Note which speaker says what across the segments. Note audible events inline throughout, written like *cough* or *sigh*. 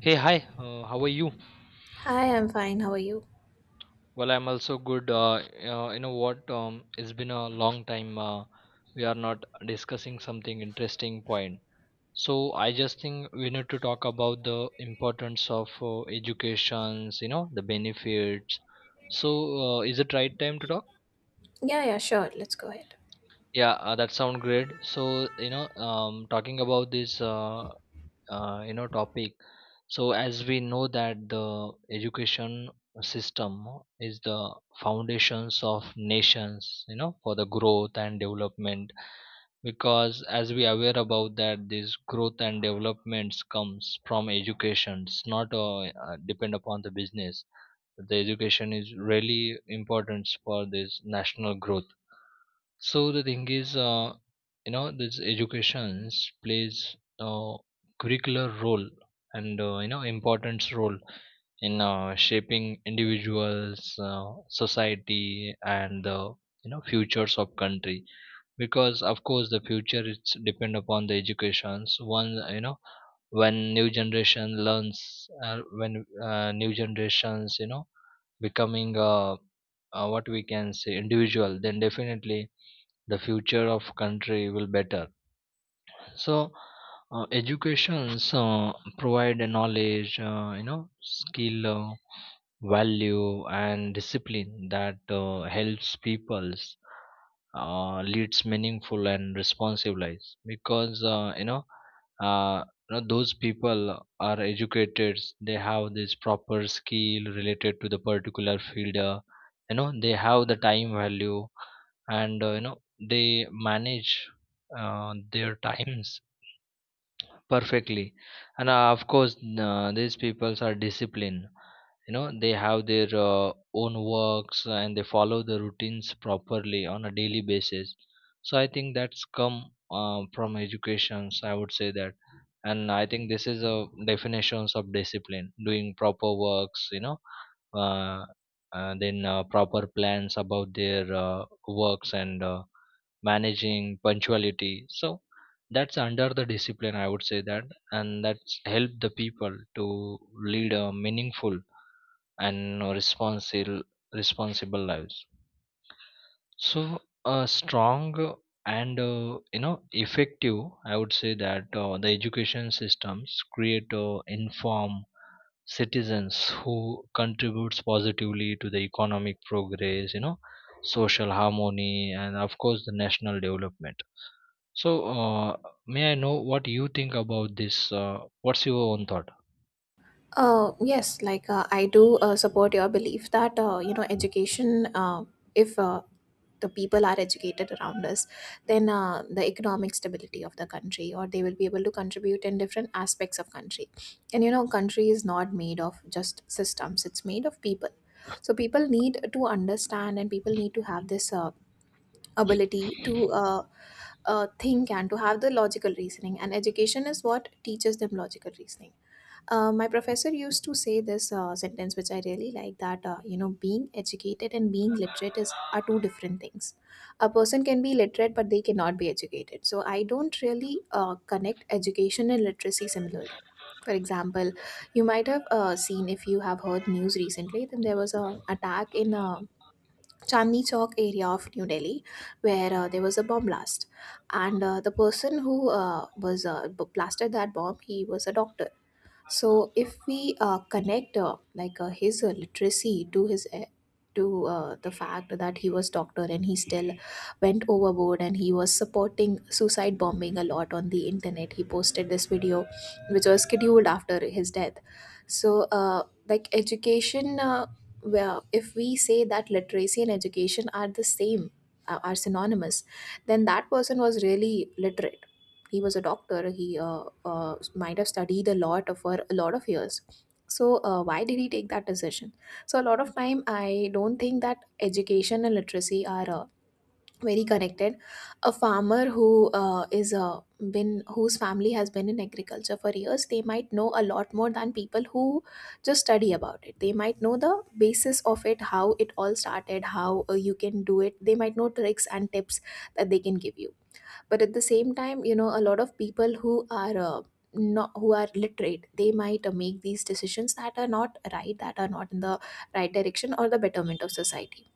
Speaker 1: Hey, hi. How are you?
Speaker 2: Hi, I'm fine. How are you?
Speaker 1: Well, I'm also good. You know what? It's been a long time. We are not discussing something interesting point. So I just think we need to talk about the importance of educations. You know the benefits. So is it right time to talk?
Speaker 2: Yeah, yeah, sure. Let's go ahead.
Speaker 1: Yeah, that sound great. So you know, talking about this. You know topic so as we know that the education system is the foundations of nations, you know, for the growth and development because as we aware about that this growth and developments comes from education. It's not depend upon the business. The education is really important for this national growth. So the thing is, you know, this education plays a curricular role and you know importance role in shaping individuals, society, and the, you know, futures of country. Because of course the future is depend upon the educations. One you know when new generation learns, when new generations you know becoming what we can say individual, then definitely the future of country will better. So educations provide a knowledge, you know, skill, value and discipline that helps people's leads meaningful and responsive lives because you know, uh, you know, those people are educated they have this proper skill related to the particular field. Uh, you know they have the time value and, you know, they manage their times perfectly. And of course these peoples are disciplined, you know, they have their own works and they follow the routines properly on a daily basis. So I think that's come from educations, I would say that. And I think this is a definitions of discipline doing proper works, you know, uh, then proper plans about their works and managing punctuality. So that's under the discipline, I would say that. And that's helped the people to lead a meaningful and responsible responsible lives. So a strong and, you know, effective, I would say that, the education systems create inform citizens who contributes positively to the economic progress, you know, social harmony and of course the national development. So, may I know what you think about this? What's your own thought?
Speaker 2: Yes, like I do support your belief that education. If the people are educated around us, then the economic stability of the country, or they will be able to contribute in different aspects of country. And you know, country is not made of just systems; it's made of people. So people need to understand, and people need to have this ability to think and to have the logical reasoning, and education is what teaches them logical reasoning. My professor used to say this sentence which I really like, that being educated and being literate is are two different things. A person can be literate but they cannot be educated, so I don't really connect education and literacy similarly. For example, you might have seen, if you have heard news recently, then there was a attack in a Chandni Chowk area of New Delhi, where there was a bomb blast, and the person who was blasted that bomb, he was a doctor. So if we connect his literacy to his, to the fact that he was doctor, and he still went overboard and he was supporting suicide bombing a lot on the internet. He posted this video, which was scheduled after his death. So like education, well, if we say that literacy and education are the same, are synonymous, then that person was really literate. He was a doctor, he might have studied a lot of for a lot of years. So why did he take that decision? So a lot of time I don't think that education and literacy are very connected. A farmer who is been, whose family has been in agriculture for years, they might know a lot more than people who just study about it. They might know the basis of it, how it all started, how you can do it. They might know tricks and tips that they can give you. But at the same time, you know, a lot of people who are not, who are literate, they might make these decisions that are not right, that are not in the right direction or the betterment of society.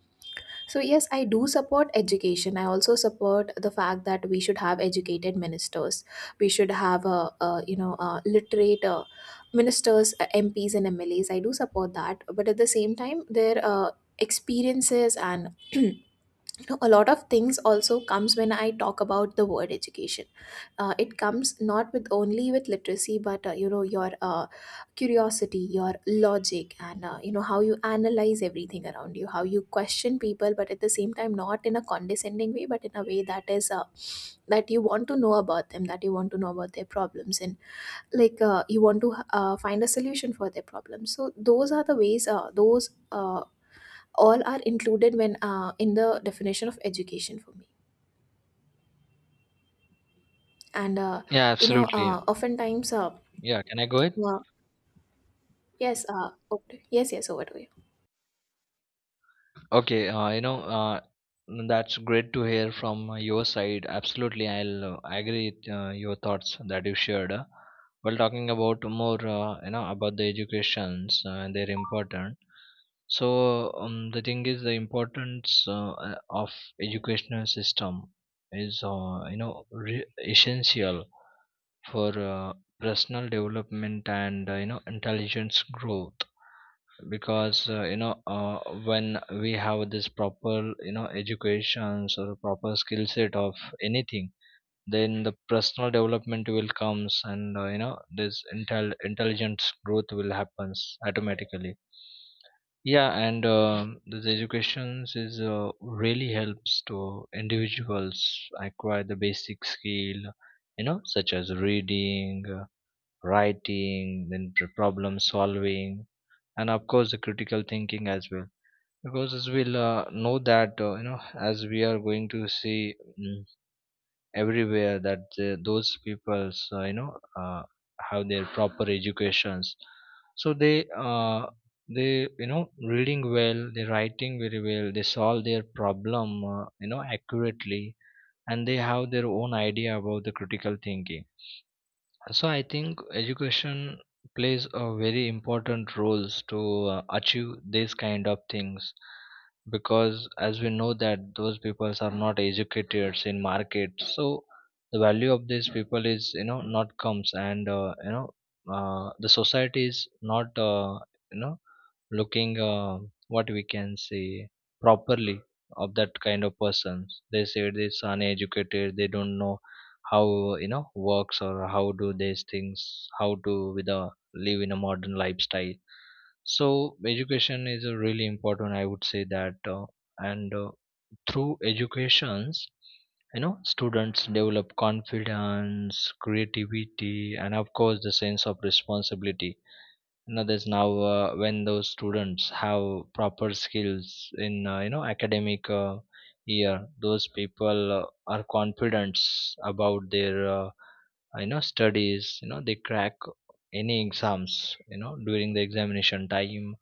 Speaker 2: So yes, I do support education. I also support the fact that we should have educated ministers. We should have a, you know, a literate ministers, MPs and MLAs. I do support that, but at the same time their experiences and *clears throat* know, a lot of things also comes when I talk about the word education. It comes not with only with literacy, but your curiosity, your logic, and how you analyze everything around you, how you question people, but at the same time not in a condescending way, but in a way that is that you want to know about them, that you want to know about their problems, and you want to find a solution for their problems. So those are the ways, those all are included when in the definition of education for me. And
Speaker 1: Yeah,
Speaker 2: you know
Speaker 1: absolutely.
Speaker 2: oftentimes
Speaker 1: Yeah, can I go ahead?
Speaker 2: uh, yes okay. Yes, yes, over to you.
Speaker 1: Okay, you know, that's great to hear from your side. Absolutely, I'll agree with your thoughts that you shared. While talking about more, you know, about the educations and their importance. So, the thing is, the importance of educational system is, you know, essential for personal development and, you know, intelligence growth because you know when we have this proper, you know, educations or proper skill set of anything, then the personal development will comes and, you know, this intelligence growth will happens automatically. Yeah, and this educations is really helps to individuals acquire the basic skill, you know, such as reading, writing, then problem solving, and of course the critical thinking as well. Because as we'll know that, you know, as we are going to see mm, everywhere that those people's you know have their proper educations, so they they, you know, reading well, they writing very well, they solve their problem, you know, accurately, and they have their own idea about the critical thinking. So I think education plays a very important roles to achieve these kind of things, because as we know that those people are not educated in market, so the value of these people is, you know, not comes and, you know, the society is not you know looking what we can say properly of that kind of persons, they say this uneducated they don't know how, you know, works or how do these things, how to with a live in a modern lifestyle. So education is a really important, I would say that. Uh, and through educations, you know, students develop confidence, creativity and of course the sense of responsibility. Another is now, when those students have proper skills in, you know, academic year, those people are confident about their you know studies, you know they crack any exams, you know, during the examination time.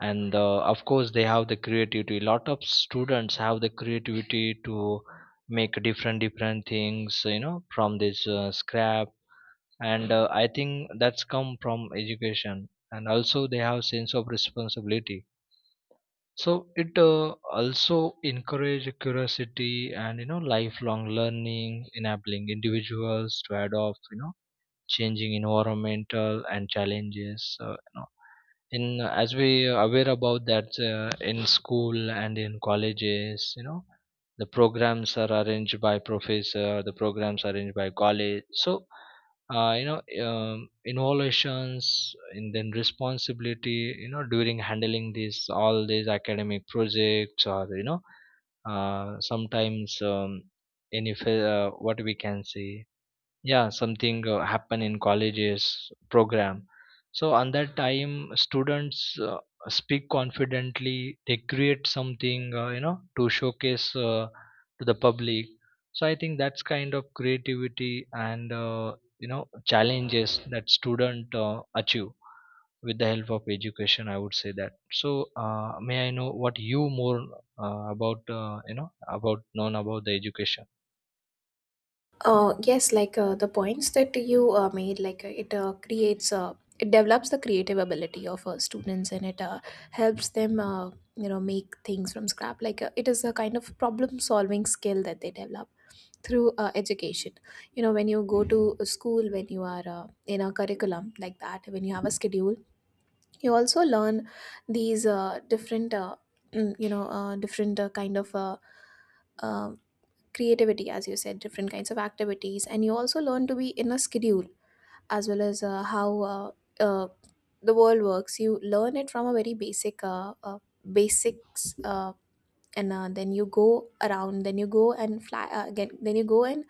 Speaker 1: And of course they have the creativity, lot of students have the creativity to make different things, you know, from this scrap. And I think that's come from education, and also they have sense of responsibility. So it also encourage curiosity and, you know, lifelong learning, enabling individuals to adopt, you know, changing environmental and challenges, you know, in, as we are aware about that, in school and in colleges, you know, the programs are arranged by professor, the programs are arranged by college. So you know, innovations and then responsibility, you know, during handling these all these academic projects, or you know, sometimes, any what we can say, yeah, something happen in colleges program. So on that time students uh, speak confidently, they create something, you know, to showcase to the public. So I think that's kind of creativity and, you know, challenges that student achieve with the help of education, I would say that. So may I know what you more about you know about known about the education?
Speaker 2: The points that you made, it develops the creative ability of students, and it helps them, you know, make things from scrap. It is a kind of problem solving skill that they develop through education. You know, when you go to a school, when you are in a curriculum like that, when you have a schedule, you also learn these different mm, you know different kind of um creativity, as you said, different kinds of activities, and you also learn to be in a schedule, as well as how uh, the world works. You learn it from a very basic basics, and then you go around, then you go and fly again, then you go and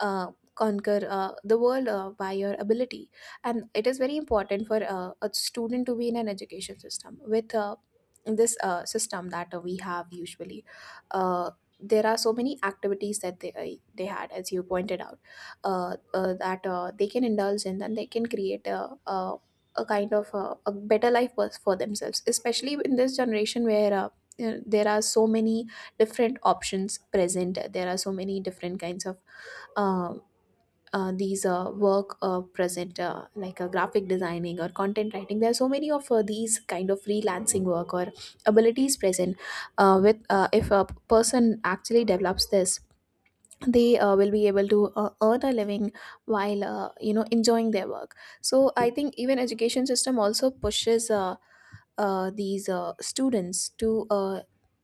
Speaker 2: conquer the world by your ability. And it is very important for a student to be in an education system with this system that we have usually. uh, there are so many activities that they had, as you pointed out, that they can indulge in, and they can create a kind of a better life for themselves, especially in this generation where, you know, there are so many different options present, there are so many different kinds of uh, these work present, like graphic designing or content writing. There are so many of these kind of freelancing work or abilities present. With If a person actually develops this, they will be able to earn a living while, you know, enjoying their work. So I think even education system also pushes these students to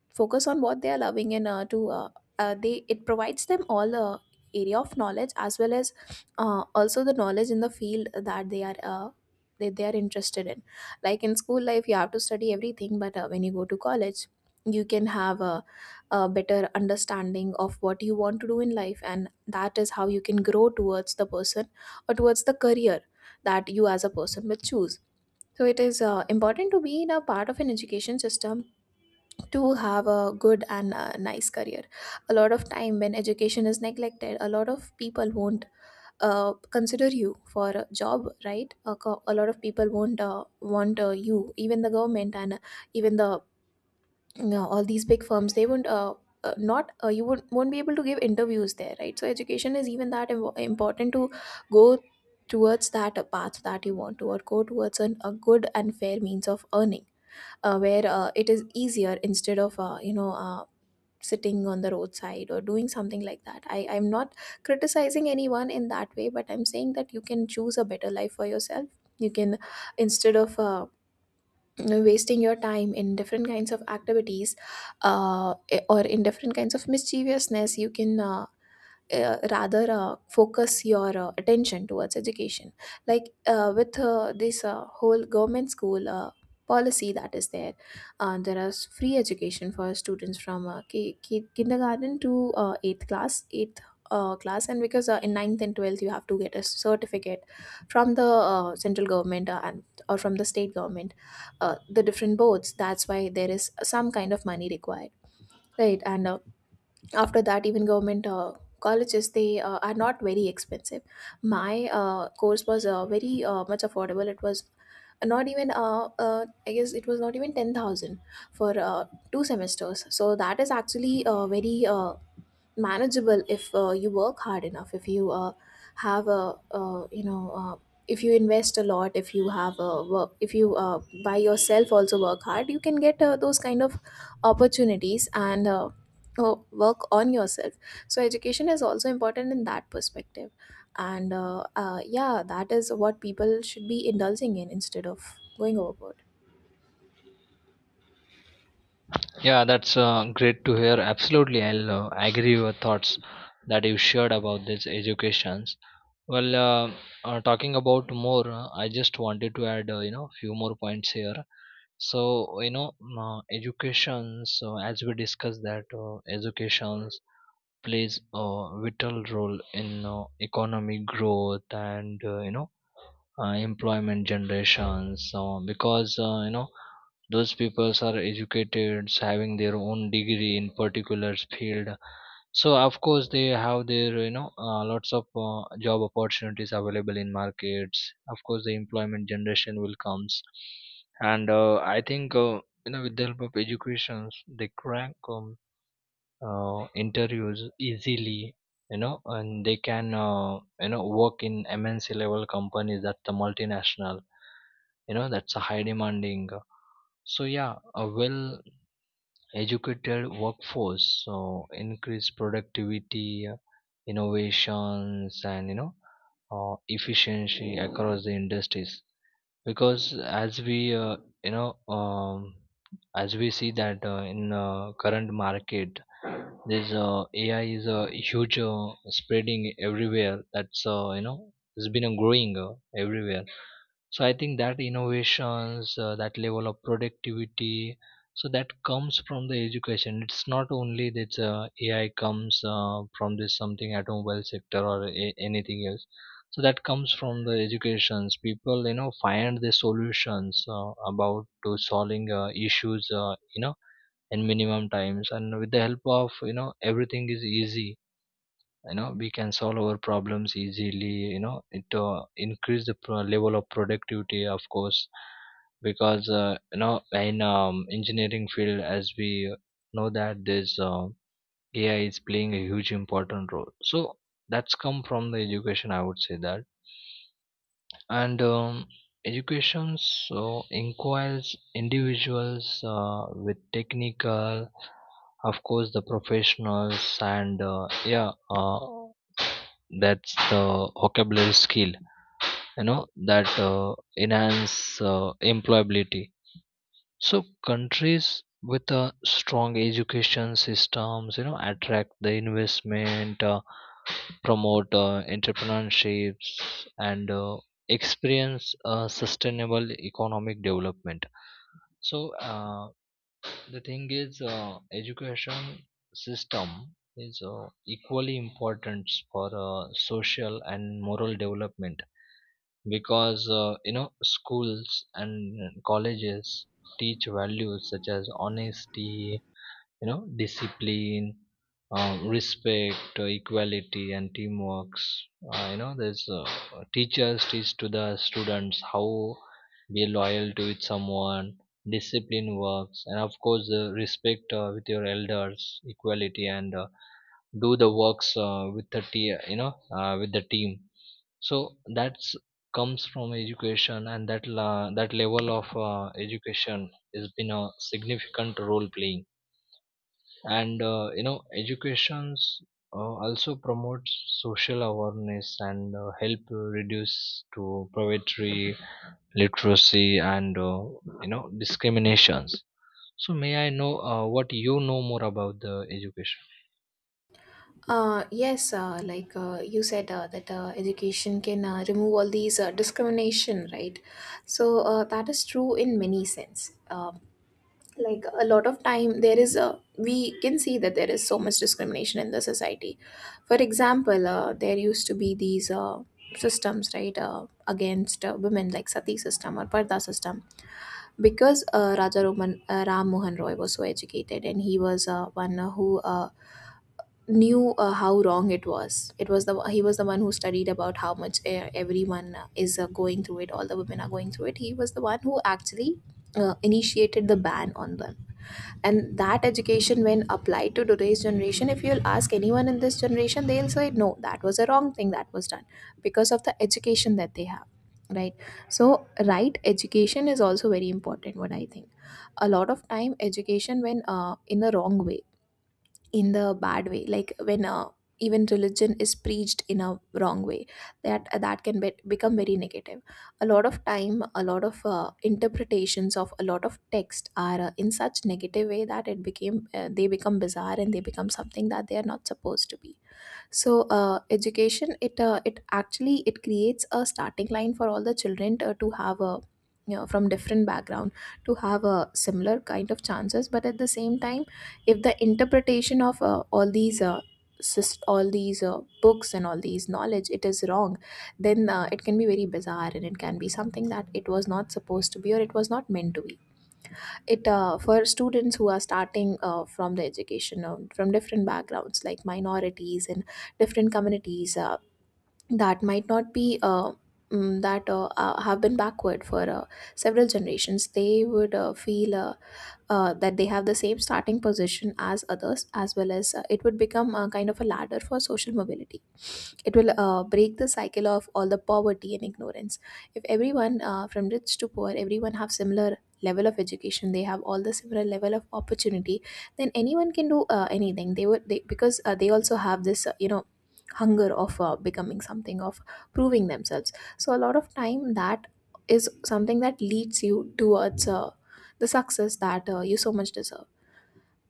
Speaker 2: focus on what they are loving, and to they it provides them all area of knowledge, as well as also the knowledge in the field that they are interested in. Like in school life you have to study everything, but when you go to college, you can have a better understanding of what you want to do in life, and that is how you can grow towards the person or towards the career that you as a person will choose. So it is important to be in a part of an education system to have a good and a nice career. A lot of time when education is neglected, a lot of people won't consider you for a job, right? A, co- a lot of people won't want you, even the government and, even the, you know, all these big firms. They won't. Not You won't be able to give interviews there, right? So education is even that im- important to go towards that path that you want to, or go towards an, a good and fair means of earning, where it is easier, instead of, you know, sitting on the roadside or doing something like that. I'm not criticizing anyone in that way, but I'm saying that you can choose a better life for yourself. You can, instead of, you know, wasting your time in different kinds of activities, uh, or in different kinds of mischievousness, you can, rather focus your attention towards education. Like with This whole government school policy that is there, there is free education for students from kindergarten to 8th class 8th class, and because in ninth and 12th you have to get a certificate from the central government and or from the state government, the different boards. That's why there is some kind of money required, right? And after that, even government colleges, they are not very expensive. My course was very much affordable, it was not even, I guess it was not even 10,000 for two semesters. So that is actually very manageable if you work hard enough, if you have a, you know, if you invest a lot, if you have a work, if you by yourself also work hard, you can get those kind of opportunities, and work on yourself. So education is also important in that perspective. And yeah, that is what people should be indulging in, instead of going overboard.
Speaker 1: Yeah, that's great to hear. Absolutely, I'll agree with your thoughts that you shared about this educations. Well, talking about more, I just wanted to add, you know, few more points here. So, you know, educations, as we discussed that educations plays a vital role in economic growth and, you know, employment generations. So, because, you know, those people are educated having their own degree in particular field, so of course they have their, you know, lots of job opportunities available in markets, of course the employment generation will comes. And I think you know, with the help of education they crack interviews easily, you know, and they can you know work in mnc level companies, that's the multinational, you know, that's a high demanding. So yeah, a well educated workforce so increase productivity, innovations, and, you know, efficiency across the industries, because as we you know as we see that in current market this ai is a huge spreading everywhere, that's, you know, it's been growing everywhere. So I think that innovations, that level of productivity, so that comes from the education. It's not only that, ai comes from this something automobile sector or anything else. So that comes from the educations, people, you know, find the solutions, about to solving issues, you know, in minimum times, and with the help of, you know, everything is easy, you know we can solve our problems easily, you know it increase the level of productivity, of course, because, you know, in engineering field, as we know that this ai is playing a huge important role, so that's come from the education, I would say that. And education so inquires individuals with technical, of course the professionals and, yeah, that's the vocabulary skill, you know, that enhance employability. So countries with a strong education systems, you know, attract the investment, promote entrepreneurships and experience sustainable economic development. So the thing is, education system is equally important for social and moral development, because, you know, schools and colleges teach values such as honesty, you know, discipline, respect, equality and teamworks. You know there's teachers teach to the students how be loyal to with someone, discipline works, and of course respect with your elders, equality and, do the works with the you know with the team. So that's comes from education, and that that level of education has been a significant role playing. And you know education also promotes social awareness and help reduce to poverty, literacy and, you know, discriminations. So may I know what you know more about the education?
Speaker 2: Yes, you said that education can remove all these discrimination, right? So that is true in many sense. Like a lot of time, there is a we can see that there is so much discrimination in the society. For example, there used to be these systems, right, against women like sati system or parda system, because Raja Roman, Ram Mohan Roy was so educated and he was one who knew how wrong it was, it was the he was the one who studied about how much everyone is going through it, all the women are going through it. He was the one who actually initiated the ban on them, and that education, when applied to today's generation, if you'll ask anyone in this generation, they'll say no, that was a wrong thing that was done, because of the education that they have, right? So right education is also very important, what I think. A lot of time education, when in the wrong way, in the bad way, like when even religion is preached in a wrong way, that become very negative. A lot of time, a lot of interpretations of a lot of text are in such negative way that it became they become bizarre and they become something that they are not supposed to be. So education, it actually, it creates a starting line for all the children, to have a, you know, from different background, to have a similar kind of chances. But at the same time, if the interpretation of all these all these books and all these knowledge, it is wrong, then it can be very bizarre and it can be something that it was not supposed to be or it was not meant to be. It for students who are starting from the education from different backgrounds like minorities and different communities, that might not be that have been backward for several generations, they would feel that they have the same starting position as others, as well as it would become a kind of a ladder for social mobility. It will break the cycle of all the poverty and ignorance. If everyone, from rich to poor, everyone have similar level of education, they have all the similar level of opportunity, then anyone can do anything. Because they also have this, uh, hunger of becoming something, of proving themselves. So a lot of time, that is something that leads you towards the success that you so much deserve.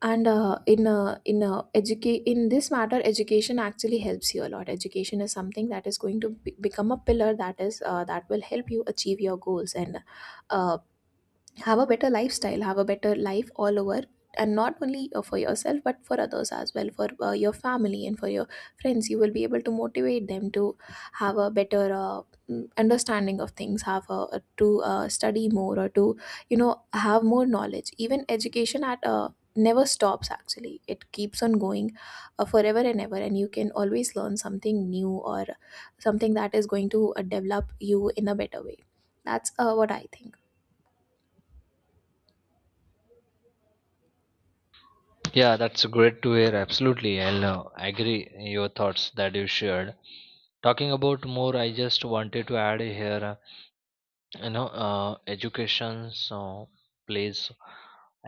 Speaker 2: And in this matter, education actually helps you a lot. Education is something that is going to become a pillar that is that will help you achieve your goals and uh, have a better lifestyle, have a better life all over. And not only for yourself but for others as well, for your family and for your friends. You will be able to motivate them to have a better understanding of things, have a, to study more or to, you know, have more knowledge. Even education at never stops, actually. It keeps on going forever and ever, and you can always learn something new or something that is going to develop you in a better way. That's what I think.
Speaker 1: Yeah, that's great to hear. Absolutely, I'll agree your thoughts that you shared. Talking about more, I just wanted to add here, you know, education so plays,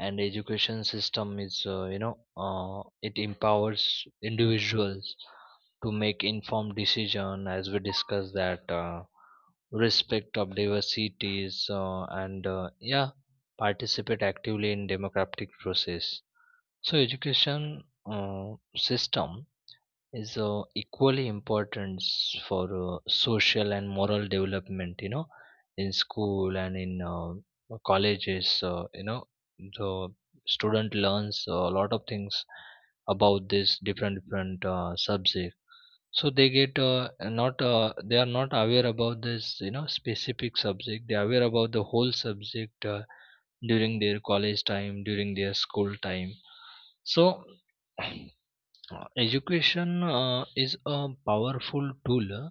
Speaker 1: and education system is, you know, uh, it empowers individuals to make informed decision as we discussed that, respect of diversities, and yeah, participate actively in democratic process. So education uh, system is equally important for social and moral development, in school and in colleges, the student learns a lot of things about this different subject. So they get not they are not aware about this, specific subject, they are aware about the whole subject during their college time, during their school time. So *clears throat* Education is a powerful tool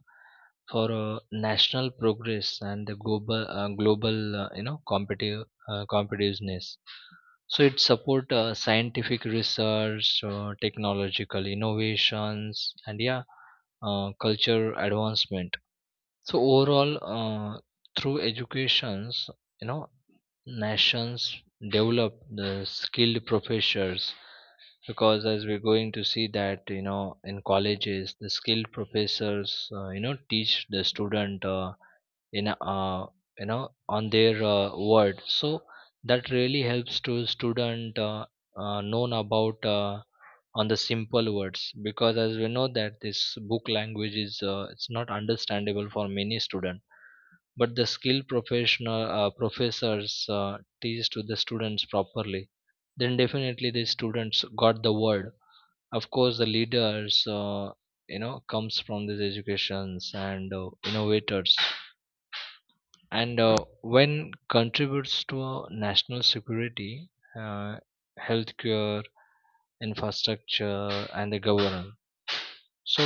Speaker 1: for national progress and the global, global, you know, competitive competitiveness. So it support scientific research, technological innovations, and yeah, culture advancement. So overall, through educations, you know, nations develop the skilled professors, because as we're going to see that, in colleges the skilled professors teach the student in a, you know on their word. So that really helps to student known about, on the simple words, because as we know that this book language is, it's not understandable for many students, but the skilled professional professors teach to the students properly, then definitely the students got the word. Of course the leaders, comes from these educations, and innovators, and when contributes to national security, uh, healthcare, infrastructure, and the governance. So,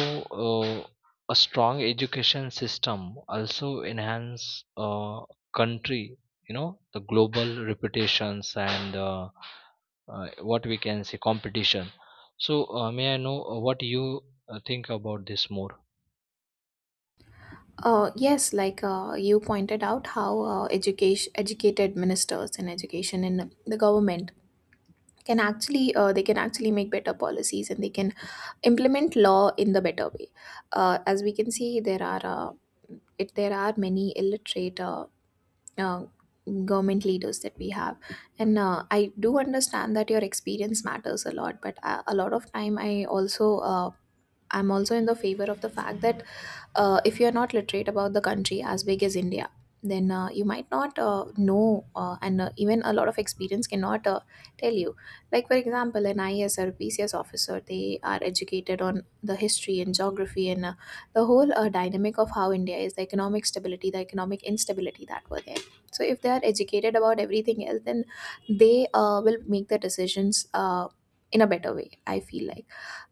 Speaker 1: uh, a strong education system also enhance country. You know, the global reputations, and what we can say, competition. So, may I know what you think about this more?
Speaker 2: Yes, like you pointed out, how education, educated ministers and education in the government can actually they can actually make better policies and they can implement law in the better way. As we can see, there are there are many illiterate uh, government leaders that we have, and I do understand that your experience matters a lot. But a lot of time, I'm also in the favor of the fact that if you're not literate about the country as big as India, then you might not know, and even a lot of experience cannot tell you. Like, for example, an IAS or PCS officer, they are educated on the history and geography and the whole dynamic of how India is, the economic stability, the economic instability that were there. So, if they are educated about everything else, then they will make the decisions in a better way. I feel like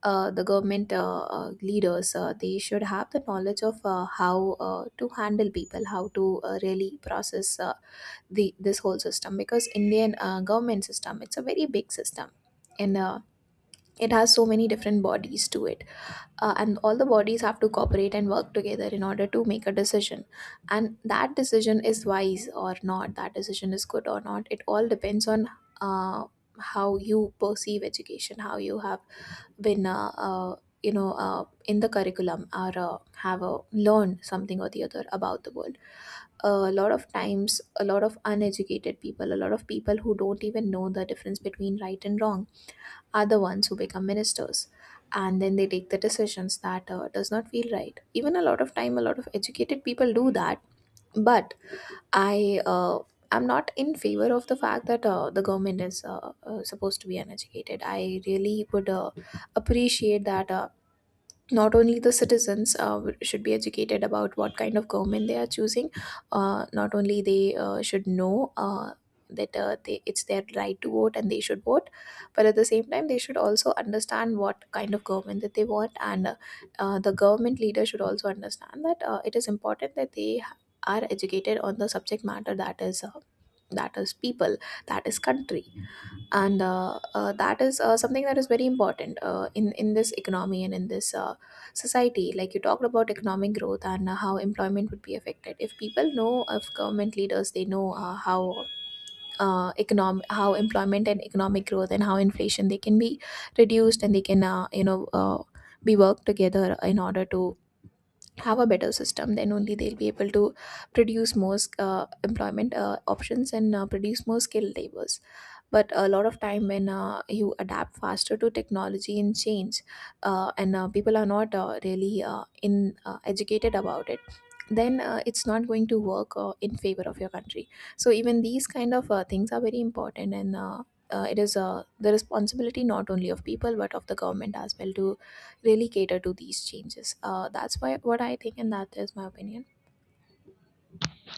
Speaker 2: the government leaders they should have the knowledge of how to handle people, how to really process the this whole system, because Indian government system, it's a very big system, and it has so many different bodies to it. And all the bodies have to cooperate and work together in order to make a decision, and that decision is wise or not, that decision is good or not, it all depends on uh, how you perceive education, how you have, when you know in the curriculum or have learned something or the other about the world. A lot of times, a lot of uneducated people, a lot of people who don't even know the difference between right and wrong are the ones who become ministers, and then they take the decisions that does not feel right. Even a lot of time, a lot of educated people do that. But i uh, I'm not in favor of the fact that the government is supposed to be uneducated. I really would appreciate that not only the citizens, should be educated about what kind of government they are choosing. Not only they should know that it's their right to vote and they should vote, but at the same time they should also understand what kind of government that they want. And the government leader should also understand that it is important that they are educated on the subject matter, that is people, that is country. And that is something that is very important in this economy and in this society, like you talked about economic growth and how employment would be affected. If people know, if government leaders they know how economic, how employment and economic growth and how inflation they can be reduced, and they can, be worked together in order to have a better system, then only they'll be able to produce more employment options and produce more skilled labors. But a lot of time, when you adapt faster to technology and change, and people are not really in educated about it, then it's not going to work in favor of your country. So even these kind of things are very important, and it is the responsibility not only of people but of the government as well to really cater to these changes. That's why, what I think, and that is my opinion.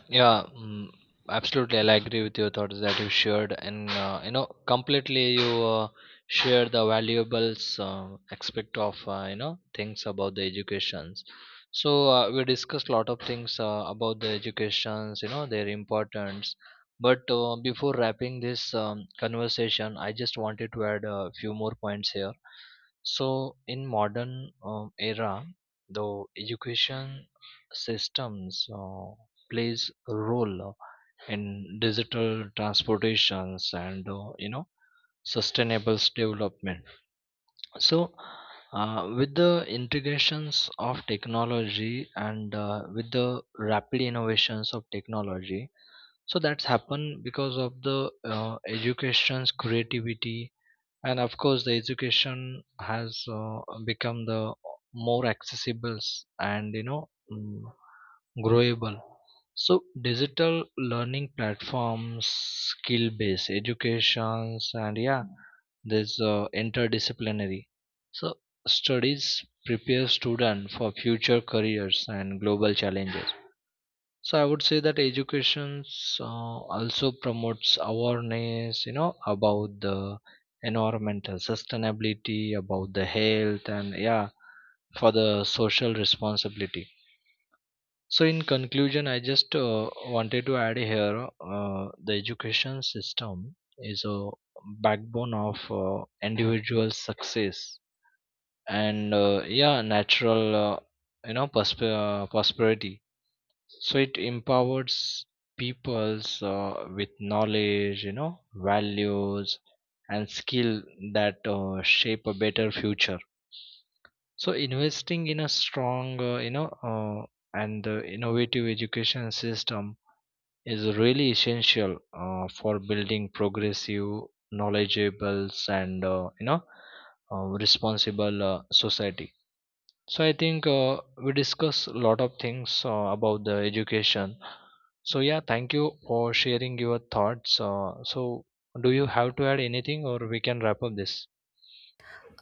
Speaker 1: Yeah, mm, absolutely. I agree with your thoughts that you shared, and completely you share the valuables aspect of, things about the educations. So we discussed a lot of things about the educations, you know, their importance. But before wrapping this conversation, I just wanted to add a few more points here. So in modern era, the education systems. Plays a role in digital transportations and, sustainable development. So with the integrations of technology and with the rapid innovations of technology, so that's happened because of the education's creativity. And of course the education has become the more accessible and mm, growable. So digital learning platforms, skill based educations, and yeah, there's interdisciplinary so studies prepare student for future careers and global challenges. So I would say that education also promotes awareness, you know, about the environmental sustainability, about the health, and yeah, for the social responsibility. So in conclusion, I just wanted to add here, the education system is a backbone of individual success, and yeah, natural, prosperity. So it empowers peoples with knowledge, you know, values and skill that shape a better future. So investing in a strong, you know, and innovative education system is really essential for building progressive, knowledgeable, and responsible society. So I think we discuss a lot of things about the education. So yeah, thank you for sharing your thoughts. So do you have to add anything, or we can wrap up this?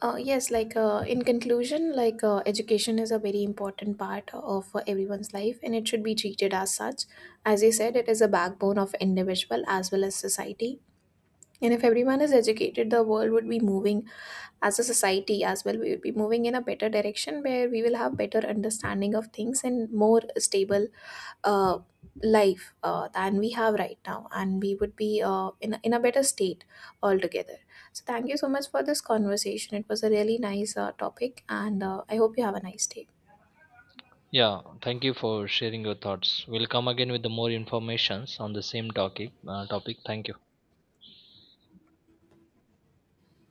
Speaker 2: Yes, like in conclusion, like education is a very important part of everyone's life, and it should be treated as such. As I said, it is a backbone of individual as well as society. And if everyone is educated, the world would be moving as a society as well. We would be moving in a better direction where we will have better understanding of things and more stable uh, life than we have right now, and we would be in a better state altogether. So, thank you so much for this conversation. It was a really nice topic, and I hope you have a nice day.
Speaker 1: Yeah, thank you for sharing your thoughts. We'll come again with the more informations on the same topic. Thank you.